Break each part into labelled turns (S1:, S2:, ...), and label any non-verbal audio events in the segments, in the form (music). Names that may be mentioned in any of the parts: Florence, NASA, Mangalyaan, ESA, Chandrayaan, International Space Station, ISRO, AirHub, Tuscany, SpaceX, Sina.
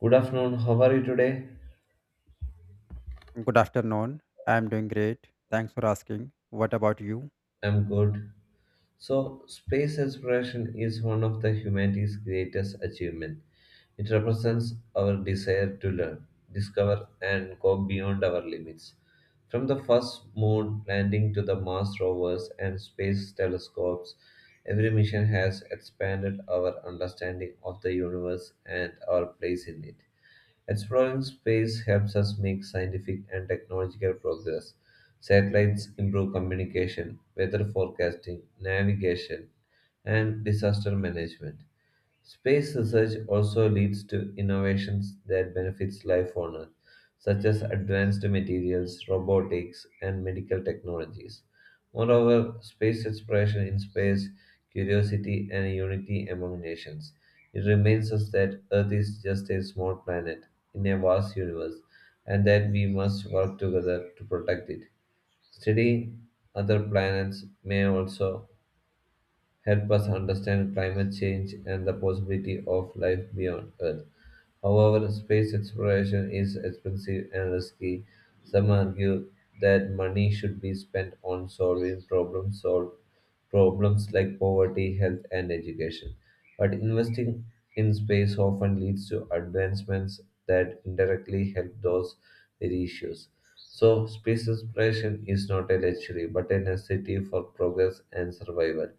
S1: Good afternoon. How are you today?
S2: Good afternoon. I'm doing great. Thanks for asking. What about you?
S1: I'm good. So, space exploration is one of the humanity's greatest achievements. It represents our desire to learn, discover, and go beyond our limits. From the first moon landing to the Mars rovers and space telescopes, every mission has expanded our understanding of the universe and our place in it. Exploring space helps us make scientific and technological progress. Satellites improve communication, weather forecasting, navigation, and disaster management. Space research also leads to innovations that benefits life on Earth, such as advanced materials, robotics, and medical technologies. Moreover, space exploration inspires curiosity and unity among nations. It reminds us that Earth is just a small planet in a vast universe, and that we must work together to protect it. Studying other planets may also help us understand climate change and the possibility of life beyond Earth. However, space exploration is expensive and risky. Some argue that money should be spent on solving problems solved problems like poverty, health, and education. But investing in space often leads to advancements that indirectly help those with issues. So, space exploration is not a luxury but a necessity for progress and survival.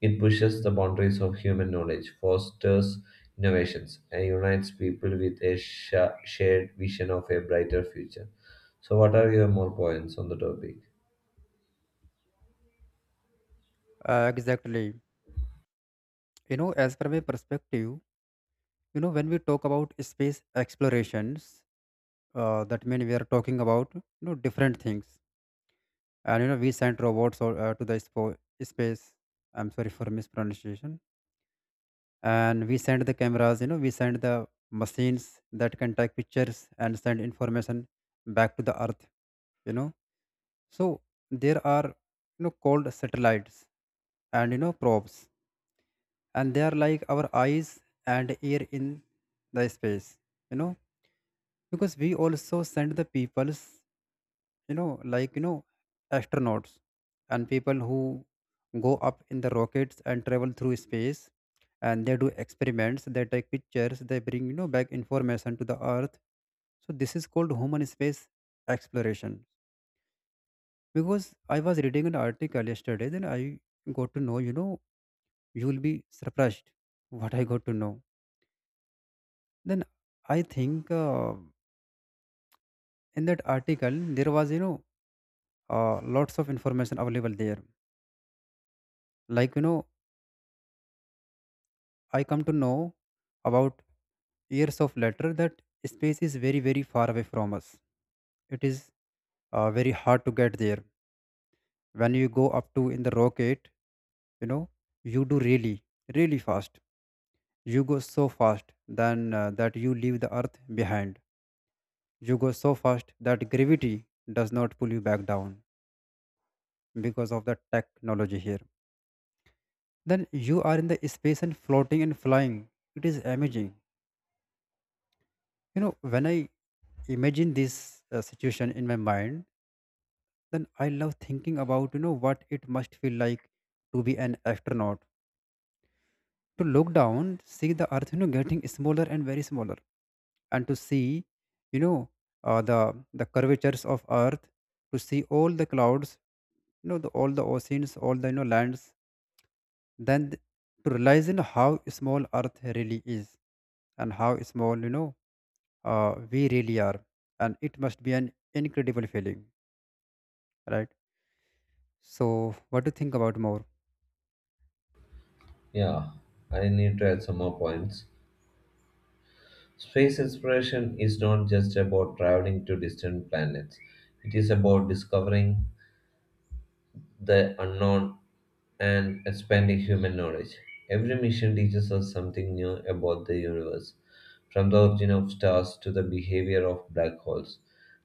S1: It pushes the boundaries of human knowledge, fosters innovations, and unites people with a shared vision of a brighter future. So, what are your more points on the topic?
S2: Exactly. As per my perspective, when we talk about space explorations, that means we are talking about different things. And we sent robots or, to the space. I'm sorry for mispronunciation. And we sent the cameras. You know, we sent the machines that can take pictures and send information back to the Earth. You know, So there are called satellites and probes, and they are like our eyes and ear in the space. You know because we also send the peoples you know like you know astronauts and people who go up in the rockets and travel through space, and they do experiments, they take pictures, they bring back information to the earth. So this is called human space exploration. Because I was reading an article yesterday, then I got to know, you will be surprised what I got to know. Then I think in that article, there was, lots of information available there. Like, I come to know about years of later that space is very, very far away from us. It is very hard to get there. When you go up to in the rocket, you know, you do really, really fast. You go so fast then that you leave the earth behind. You go so fast that gravity does not pull you back down because of the technology here. Then you are in the space and floating and flying. It is amazing. You know, when I imagine this situation in my mind, then I love thinking about, what it must feel like to be an astronaut. To look down, see the earth, getting smaller and very smaller, and to see, you know, the curvatures of Earth, to see all the clouds, the, all the oceans, all the lands, then th- to realize how small Earth really is, and how small we really are, and it must be an incredible feeling, right? So, what do you think about more?
S1: Yeah, I need to add some more points. Space exploration is not just about traveling to distant planets, it is about discovering the unknown and expanding human knowledge. Every mission teaches us something new about the universe, from the origin of stars to the behavior of black holes.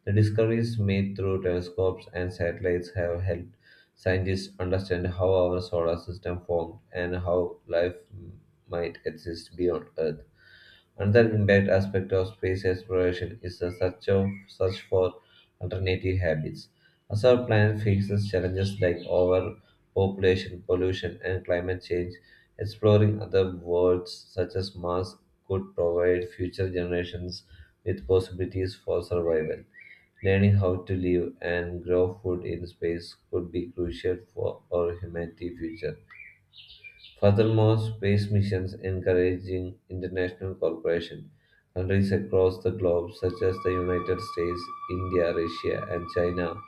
S1: The discoveries made through telescopes and satellites have helped scientists understand how our solar system formed and how life might exist beyond Earth. Another impact aspect of space exploration is the search for alternative habits. As our planet faces challenges like overpopulation, pollution, and climate change, exploring other worlds such as Mars could provide future generations with possibilities for survival. Learning how to live and grow food in space could be crucial for our humanity future. Furthermore, space missions encouraging international cooperation. Countries across the globe, such as the United States, India, Russia, and China,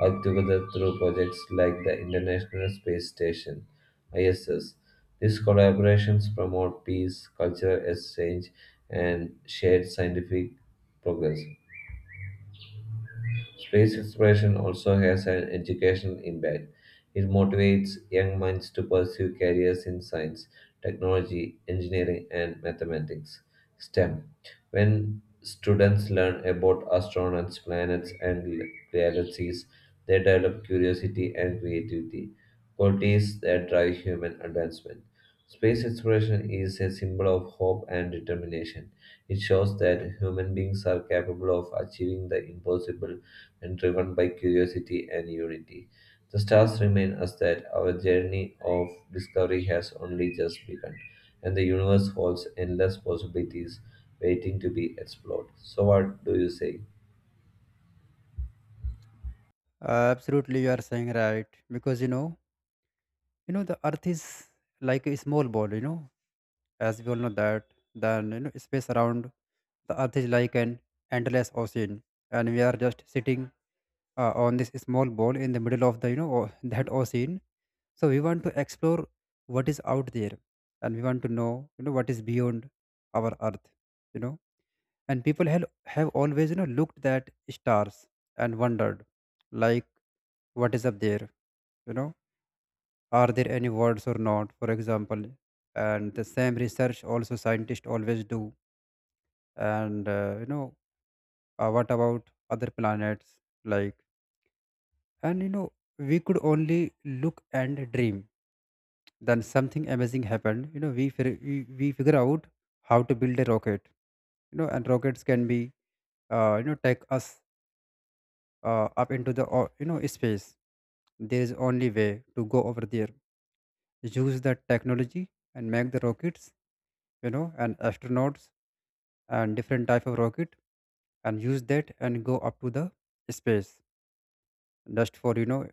S1: work together through projects like the International Space Station (ISS). These collaborations promote peace, cultural exchange, and shared scientific progress. Space exploration also has an educational impact. It motivates young minds to pursue careers in science, technology, engineering, and mathematics. STEM. When students learn about astronauts, planets, and galaxies, they develop curiosity and creativity, qualities that drive human advancement. Space exploration is a symbol of hope and determination. It shows that human beings are capable of achieving the impossible and driven by curiosity and unity. The stars remind us that our journey of discovery has only just begun, and the universe holds endless possibilities waiting to be explored. So, what do you say?
S2: Absolutely, you are saying right. Because the Earth is like a small ball, you know, as we all know that. Then you know, space around the earth is like an endless ocean, and we are just sitting on this small ball in the middle of the (laughs) that ocean. So we want to explore what is out there, and we want to know what is beyond our earth, you know. And people have always looked at stars and wondered, like, what is up there, you know. Are there any words or not? For example, and the same research also scientists always do. And what about other planets, like, and you know, we could only look and dream. Then something amazing happened. You know, we figure out how to build a rocket. You know, and rockets can be, take us up into the you know, space. There is only way to go over there. Use that technology and make the rockets, you know, and astronauts, and different type of rocket, and use that and go up to the space, just for you know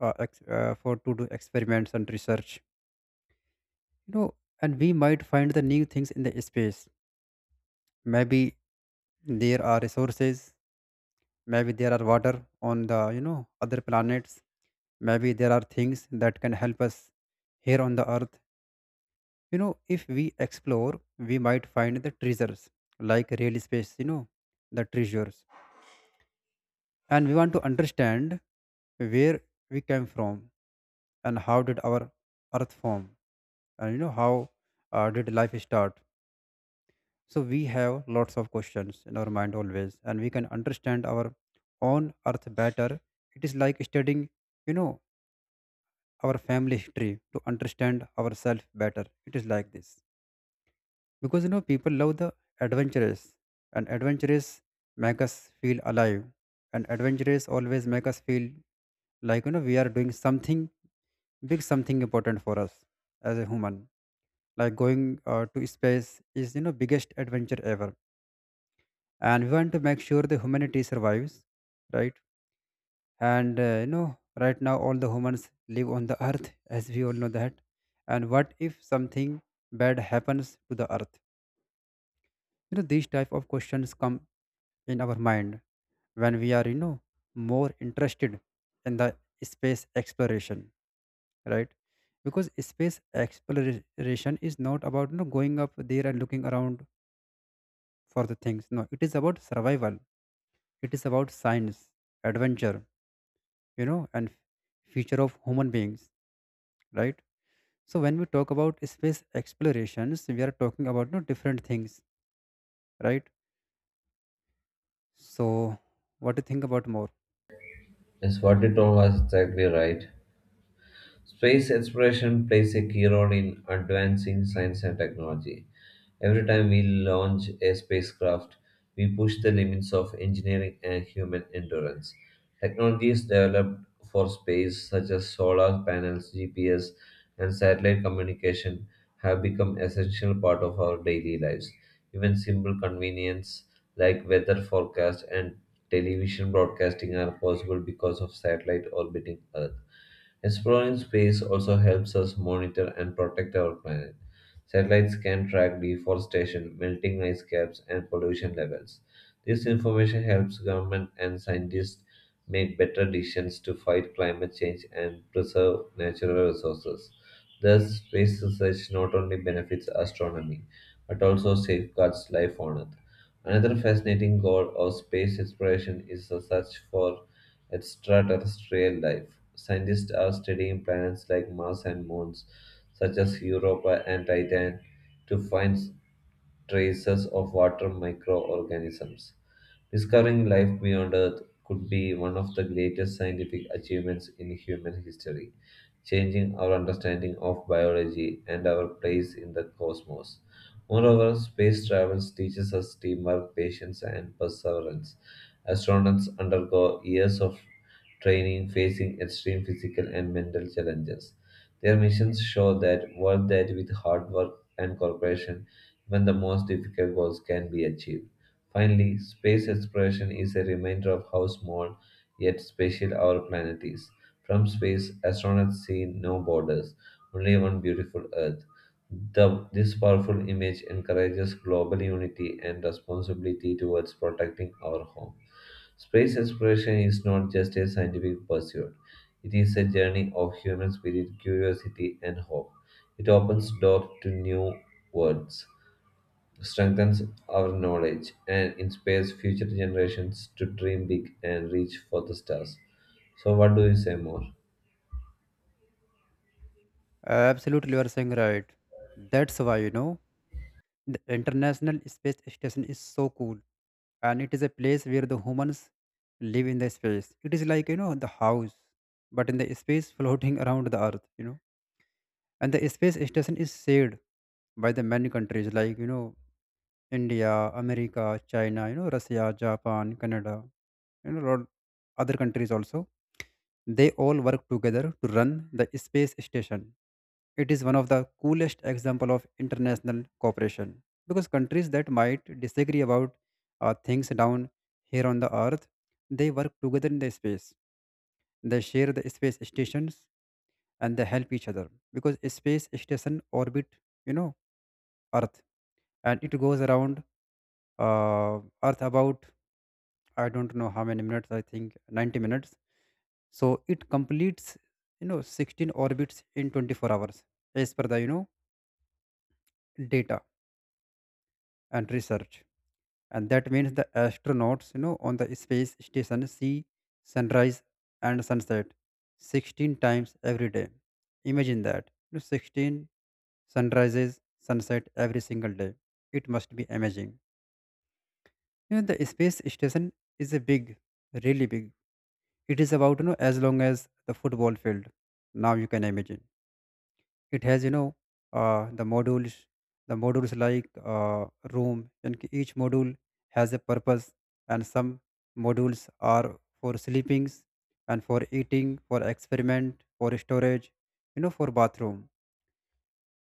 S2: uh, ex- uh, for to do experiments and research. You know, and we might find the new things in the space. Maybe there are resources, maybe there are water on the other planets. Maybe there are things that can help us here on the earth. You know, if we explore, we might find the treasures, like real space, you know, the treasures. And we want to understand where we came from, and how did our earth form, and you know how did life start. So we have lots of questions in our mind always, and we can understand our own earth better. It is like studying, you know, our family history to understand ourselves better. It is like this, because you know, people love the adventurous, and adventurous make us feel alive, and adventurous always make us feel like, you know, we are doing something big, something important for us as a human. Like going to space is, you know, biggest adventure ever, and we want to make sure the humanity survives, right? And you know, right now all the humans live on the earth, as we all know that. And what if something bad happens to the earth? You know, these type of questions come in our mind when we are, you know, more interested in the space exploration, right? Because space exploration is not about, you know, going up there and looking around for the things. No, it is about survival, it is about science, adventure, you know, and future of human beings, right? So when we talk about space explorations, we are talking about, you know, different things, right? So what do you think about more?
S1: Yes, what you told was exactly right. Space exploration plays a key role in advancing science and technology. Every time we launch a spacecraft, we push the limits of engineering and human endurance. Technologies developed for space, such as solar panels, GPS, and satellite communication, have become essential part of our daily lives. Even simple convenience like weather forecast and television broadcasting are possible because of satellite orbiting Earth. Exploring space also helps us monitor and protect our planet. Satellites can track deforestation, melting ice caps, and pollution levels. This information helps government and scientists make better decisions to fight climate change and preserve natural resources. Thus, space research not only benefits astronomy but also safeguards life on Earth. Another fascinating goal of space exploration is the search for extraterrestrial life. Scientists are studying planets like Mars and moons, such as Europa and Titan, to find traces of water microorganisms. Discovering life beyond Earth could be one of the greatest scientific achievements in human history, changing our understanding of biology and our place in the cosmos. Moreover, space travel teaches us teamwork, patience, and perseverance. Astronauts undergo years of training, facing extreme physical and mental challenges. Their missions show that work that with hard work and cooperation, even the most difficult goals can be achieved. Finally, space exploration is a reminder of how small yet special our planet is. From space, astronauts see no borders, only one beautiful Earth. This powerful image encourages global unity and responsibility towards protecting our home. Space exploration is not just a scientific pursuit, it is a journey of human spirit, curiosity, and hope. It opens doors to new worlds, strengthens our knowledge, and inspires future generations to dream big and reach for the stars. So, what do you say more?
S2: Absolutely, you are saying right. That's why, you know, the international space station is so cool, and it is a place where the humans live in the space. It is like, you know, the house, but in the space, floating (laughs) around the earth, you know. And the space station is shared by the many countries, like, you know, India, America, China, you know, Russia, Japan, Canada, you know, lot other countries also. They all work together to run the space station. It is one of the coolest example of international cooperation, because countries that might disagree about things down here on the earth, they work together in the space. They share the space stations and they help each other, because space station orbit, you know, Earth, and it goes around Earth about, I don't know how many minutes, I think 90 minutes. So it completes, you know, 16 orbits in 24 hours as per the, you know, data and research. And that means the astronauts, you know, on the space station see sunrise and sunset 16 times every day. Imagine that. You know, 16 sunrises, sunset every single day. It must be amazing. You know, the space station is a big, really big. It is about, you know, as long as the football field. Now you can imagine, it has, you know, uh, the modules, the modules like, uh, room, and each module has a purpose, and some modules are for sleepings and for eating, for experiment, for storage, you know, for bathroom.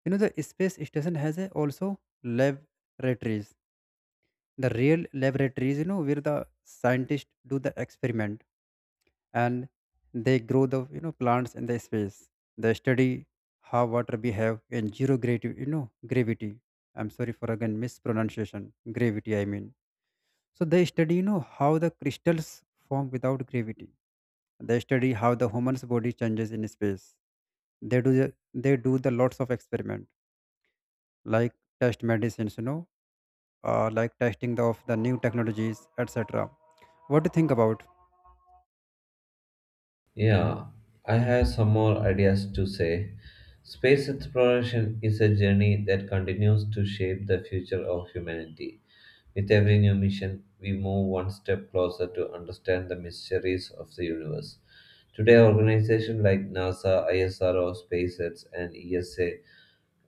S2: You know, the space station has a also laboratories, the real laboratories, you know, where the scientists do the experiment, and they grow the, you know, plants in the space. They study how water behave in zero gravity, gravity. I'm sorry for again mispronunciation. Gravity, I mean. So they study, you know, how the crystals form without gravity. They study how the human's body changes in space. They do the lots of experiment, like test medicines, you know, like testing the, of the new technologies, etc. What do you think about?
S1: Yeah, I have some more ideas to say. Space exploration is a journey that continues to shape the future of humanity. With every new mission, we move one step closer to understand the mysteries of the universe. Today, organizations like NASA, ISRO, SpaceX, and ESA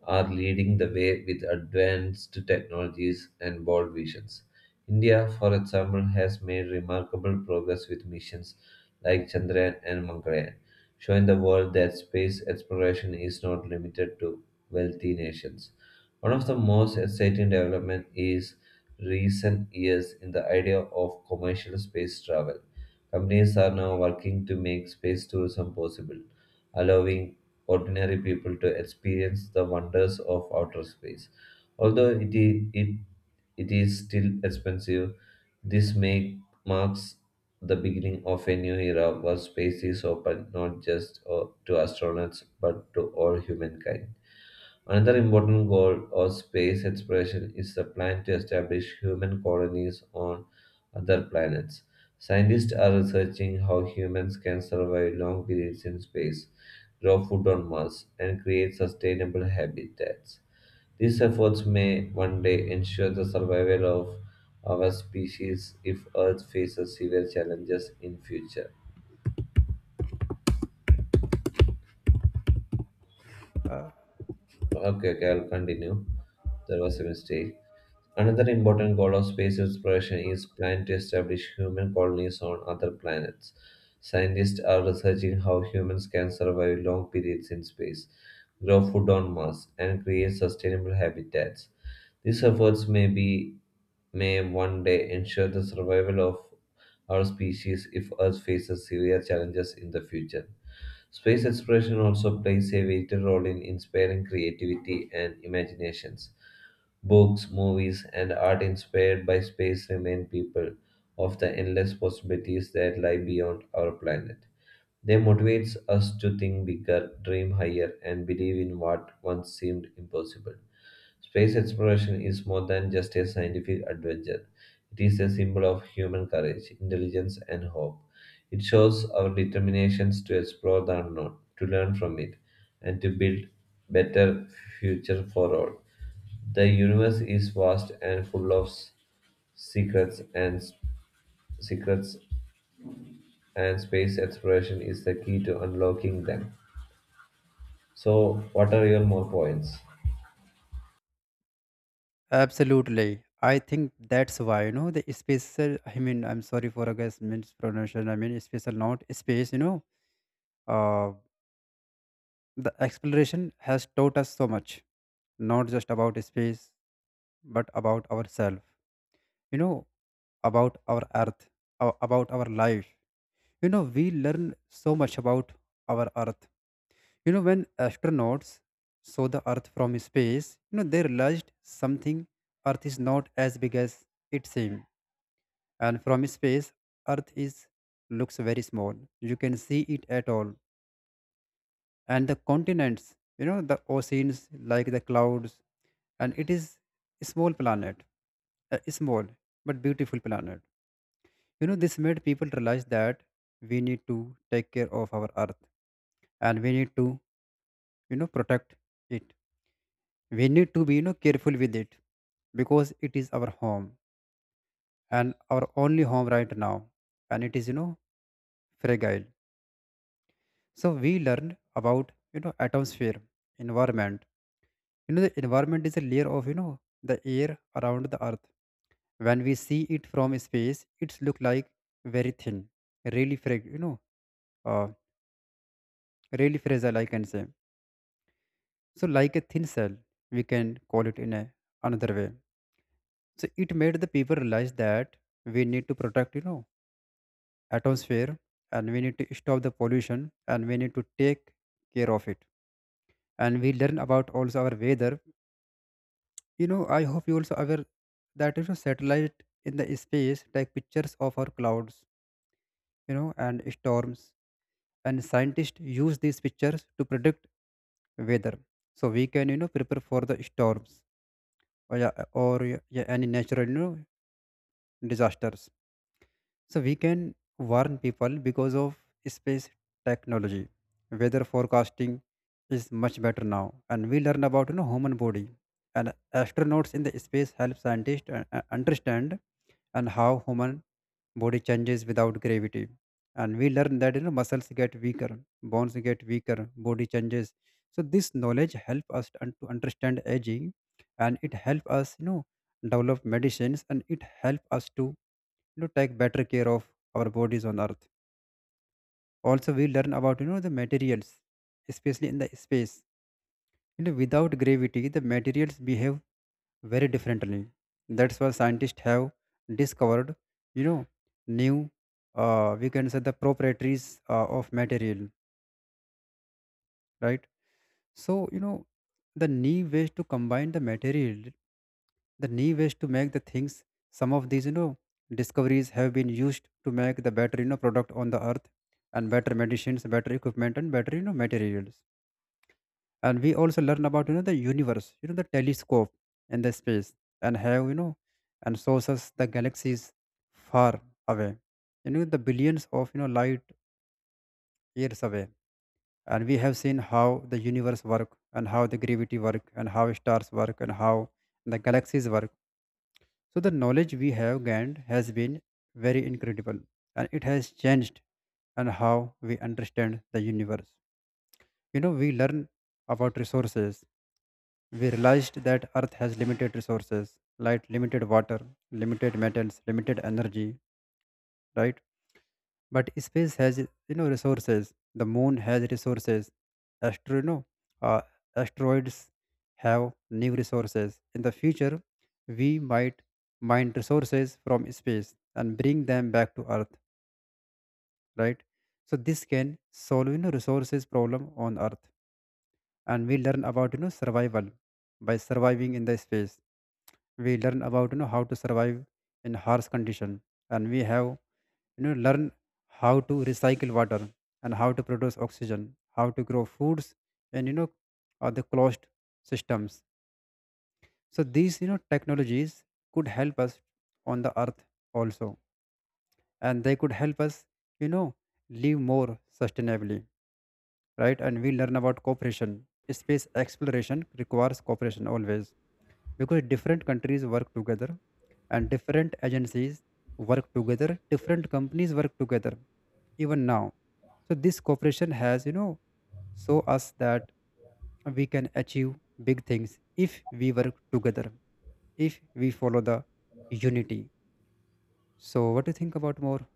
S1: are leading the way with advanced technologies and bold visions. India, for example, has made remarkable progress with missions like Chandrayaan and Mangalyaan, showing the world that space exploration is not limited to wealthy nations. One of the most exciting developments is recent years in the idea of commercial space travel. Companies are now working to make space tourism possible, allowing ordinary people to experience the wonders of outer space. Although its it, it is still expensive, this make, marks the beginning of a new era where space is open not just to astronauts but to all humankind. Another important goal of space exploration is the plan to establish human colonies on other planets. Scientists are researching how humans can survive long periods in space, grow food on Mars, and create sustainable habitats. These efforts may one day ensure the survival of our species if Earth faces severe challenges in future.
S2: Uh,
S1: Okay, okay, I'll continue. There was a mistake. Another important goal of space exploration is planned to establish human colonies on other planets. Scientists are researching how humans can survive long periods in space, grow food on Mars, and create sustainable habitats. These efforts may be May one day ensure the survival of our species if Earth faces severe challenges in the future. Space exploration also plays a vital role in inspiring creativity and imaginations. Books, movies, and art inspired by space remind people of the endless possibilities that lie beyond our planet. They motivate us to think bigger, dream higher, and believe in what once seemed impossible. Space exploration is more than just a scientific adventure. It is a symbol of human courage, intelligence, and hope. It shows our determinations to explore the unknown, to learn from it, and to build better future for all. The universe is vast and full of secrets and s- secrets, and space exploration is the key to unlocking them. So, what are your more points?
S2: Absolutely. I think that's why, you know, the special, I mean, I'm sorry for, I guess, mispronunciation. I mean, special, not space, you know, uh, the exploration has taught us so much, not just about space, but about ourselves, you know, about our earth, about our life. You know, we learn so much about our earth. You know, when astronauts saw the earth from space, you know, they realized something, earth is not as big as it seems. And from space, earth is looks very small, you can see it at all, and the continents, you know, the oceans, like the clouds, and it is a small planet, a small but beautiful planet. You know, this made people realize that we need to take care of our earth, and we need to, you know, protect it. We need to be, you know, careful with it, because it is our home, and our only home right now. And it is, you know, fragile. So we learned about, you know, atmosphere, environment. You know, the environment is a layer of, you know, the air around the earth. When we see it from space, it's look like very thin, really frag you know, uh, really fragile, I can say. So like a thin cell, we can call it in a another way. So it made the people realize that we need to protect, you know, atmosphere, and we need to stop the pollution, and we need to take care of it. And we learn about also our weather. You know, I hope you also aware that if a satellite in the space take pictures of our clouds, you know, and storms, and scientists use these pictures to predict weather, so we can prepare for the storms or yeah, any natural disasters. So we can warn people because of space technology. Weather forecasting is much better now, and we learn about human body. And astronauts in the space help scientists understand and how human body changes without gravity. And we learn that muscles get weaker, bones get weaker, body changes. So this knowledge help us to to understand aging, and it help us develop medicines, and it help us to, take better care of our bodies on earth. Also we learn about, the materials, especially in the space. You know, without gravity the materials behave very differently. That's why scientists have discovered, you know new, we can say, the properties of material, right? So, you know, the new ways to combine the material, the new ways to make the things, some of these, discoveries have been used to make the better, product on the earth, and better medicines, better equipment and better, materials. And we also learn about, the universe, the telescope and the space, and have, you know, and shows us the galaxies far away, the billions of, light years away. And we have seen how the universe work and how the gravity work and how stars work and how the galaxies work. So the knowledge we have gained has been very incredible, and it has changed and how we understand the universe. You know, we learn about resources. We realized that earth has limited resources, like limited water, limited metals, limited energy, right? But space has, resources. The moon has resources. astro you know, uh, Asteroids have new resources. In the future we might mine resources from space and bring them back to earth, right? So this can solve, resources problem on earth. And we learn about, survival. By surviving in the space we learn about, how to survive in harsh condition. And we have, learn how to recycle water and how to produce oxygen, how to grow foods, and the closed systems. So these, technologies could help us on the earth also, and they could help us, you know live more sustainably, right? And we learn about cooperation. Space exploration requires cooperation always, because different countries work together, and different agencies work together, different companies work together, even now. So this cooperation has, show us that we can achieve big things if we work together, if we follow the unity. So what do you think about more?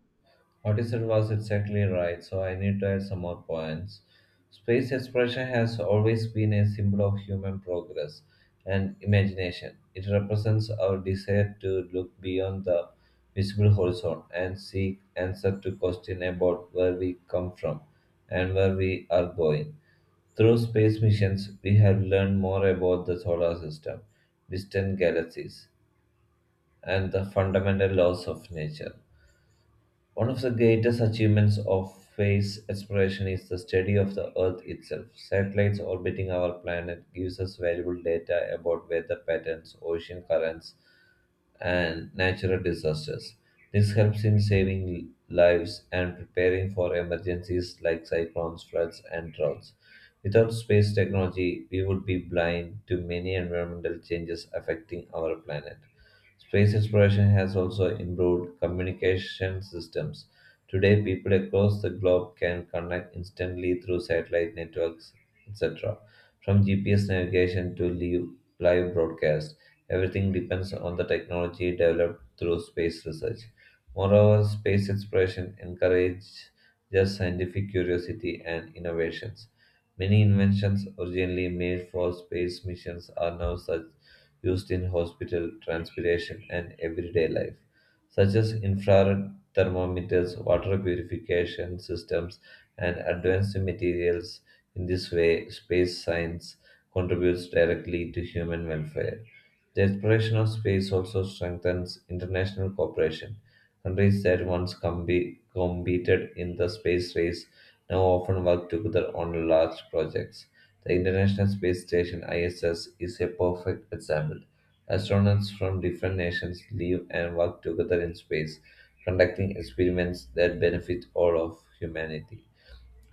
S1: What you said was exactly right, so I need to add some more points. Space exploration has always been a symbol of human progress and imagination. It represents our desire to look beyond the visible horizon and seek answers to questions about where we come from and where we are going. Through space missions, we have learned more about the solar system, distant galaxies, and the fundamental laws of nature. One of the greatest achievements of space exploration is the study of the Earth itself. Satellites orbiting our planet gives us valuable data about weather patterns, ocean currents, and natural disasters. This helps in saving lives and preparing for emergencies like cyclones, floods, and droughts. Without space technology, we would be blind to many environmental changes affecting our planet. Space exploration has also improved communication systems. Today, people across the globe can connect instantly through satellite networks, etc, from GPS navigation to live broadcast. Everything depends on the technology developed through space research. Moreover, space exploration encourages scientific curiosity and innovations. Many inventions originally made for space missions are now such used in hospital, transportation, and everyday life such as infrared thermometers, water purification systems, and advanced materials. In this way, space science contributes directly to human welfare. The exploration of space also strengthens international cooperation. Countries that once competed in the space race now often work together on large projects. The International Space Station ISS is a perfect example. Astronauts from different nations live and work together in space, conducting experiments that benefit all of humanity.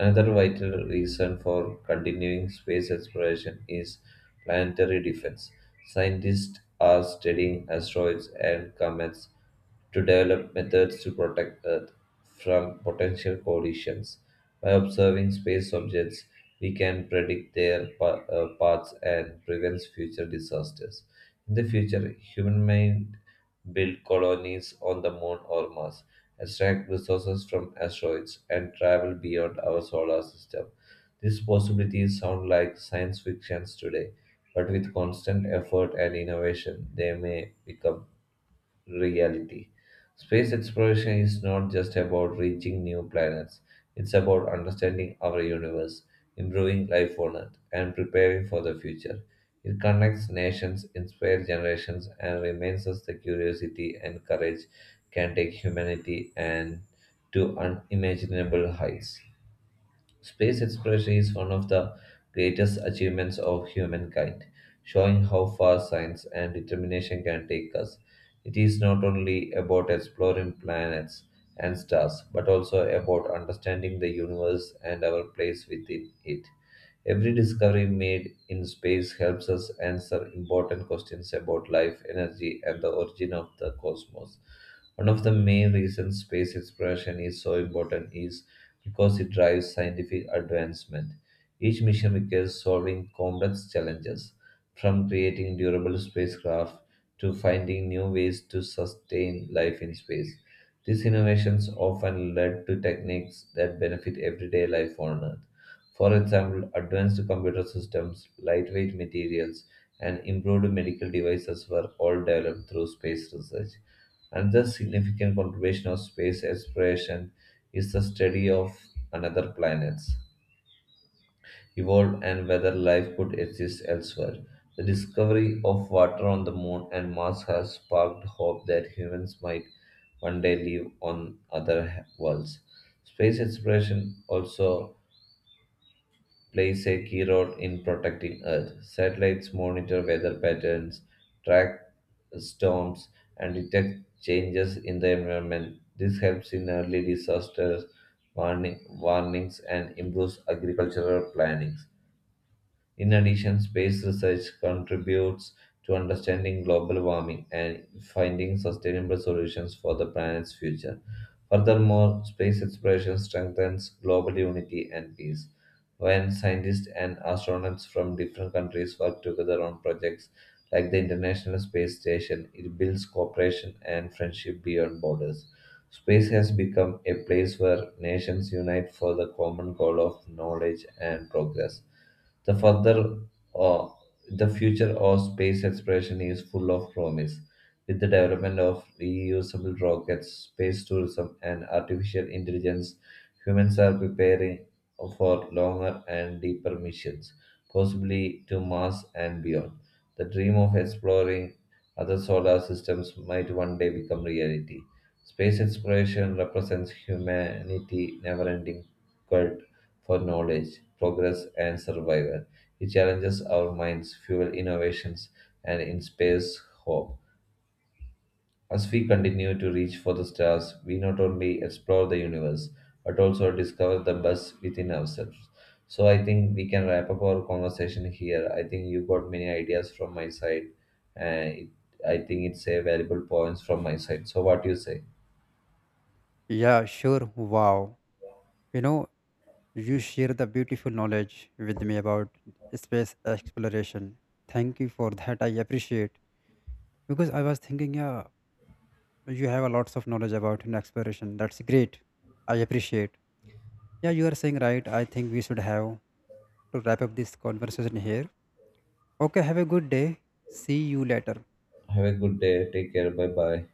S1: Another vital reason for continuing space exploration is planetary defense. Scientists are studying asteroids and comets to develop methods to protect Earth from potential collisions. By observing space objects, we can predict their paths and prevent future disasters. In the future, human mind build colonies on the moon or Mars, extract resources from asteroids, and travel beyond our solar system. These possibilities sound like science fictions today, but with constant effort and innovation, they may become reality. Space exploration is not just about reaching new planets, it's about understanding our universe, improving life on Earth, and preparing for the future. It connects nations, inspires generations, and reminds us that curiosity and courage can take humanity and to unimaginable heights. Space exploration is one of the greatest achievements of humankind, showing how far science and determination can take us. It is not only about exploring planets and stars, but also about understanding the universe and our place within it. Every discovery made in space helps us answer important questions about life, energy, and the origin of the cosmos. One of the main reasons space exploration is so important is because it drives scientific advancement. Each mission requires solving complex challenges, from creating durable spacecraft to finding new ways to sustain life in space. These innovations often led to techniques that benefit everyday life on Earth. For example, advanced computer systems, lightweight materials, and improved medical devices were all developed through space research. Another significant contribution of space exploration is the study of another planets evolved and whether life could exist elsewhere. The discovery of water on the moon and Mars has sparked hope that humans might one day live on worlds. Space exploration also plays a key role in protecting Earth. Satellites monitor weather patterns, track storms, and detect changes in the environment. This helps in early disasters, warnings, and improves agricultural planning. In addition, space research contributes to understanding global warming and finding sustainable solutions for the planet's future. Furthermore, space exploration strengthens global unity and peace. When scientists and astronauts from different countries work together on projects like the International Space Station, it builds cooperation and friendship beyond borders. Space has become a place where nations unite for the common goal of knowledge and progress. The further uh, the future of space exploration is full of promise. With the development of reusable rockets, space tourism, and artificial intelligence, humans are preparing for longer and deeper missions, possibly to Mars and beyond. The dream of exploring other solar systems might one day become reality. Space exploration represents humanity's never ending quest for knowledge, progress, and survival. It challenges our minds, fuels innovations, and inspires hope. As we continue to reach for the stars, we not only explore the universe but also discover the best within ourselves. So, I think we can wrap up our conversation here. I think you got many ideas from my side, and it, I think it's a valuable points from my side. So, what do you say?
S2: Yeah, sure. Wow. You know, you share the beautiful knowledge with me about space exploration. Thank you for that, I appreciate. Because I was thinking, yeah, you have a lots of knowledge about, exploration. That's great. I appreciate. Yeah, you are saying right. I think we should have to wrap up this conversation here. Okay, have a good day. See you later.
S1: Have a good day. Take care. Bye bye.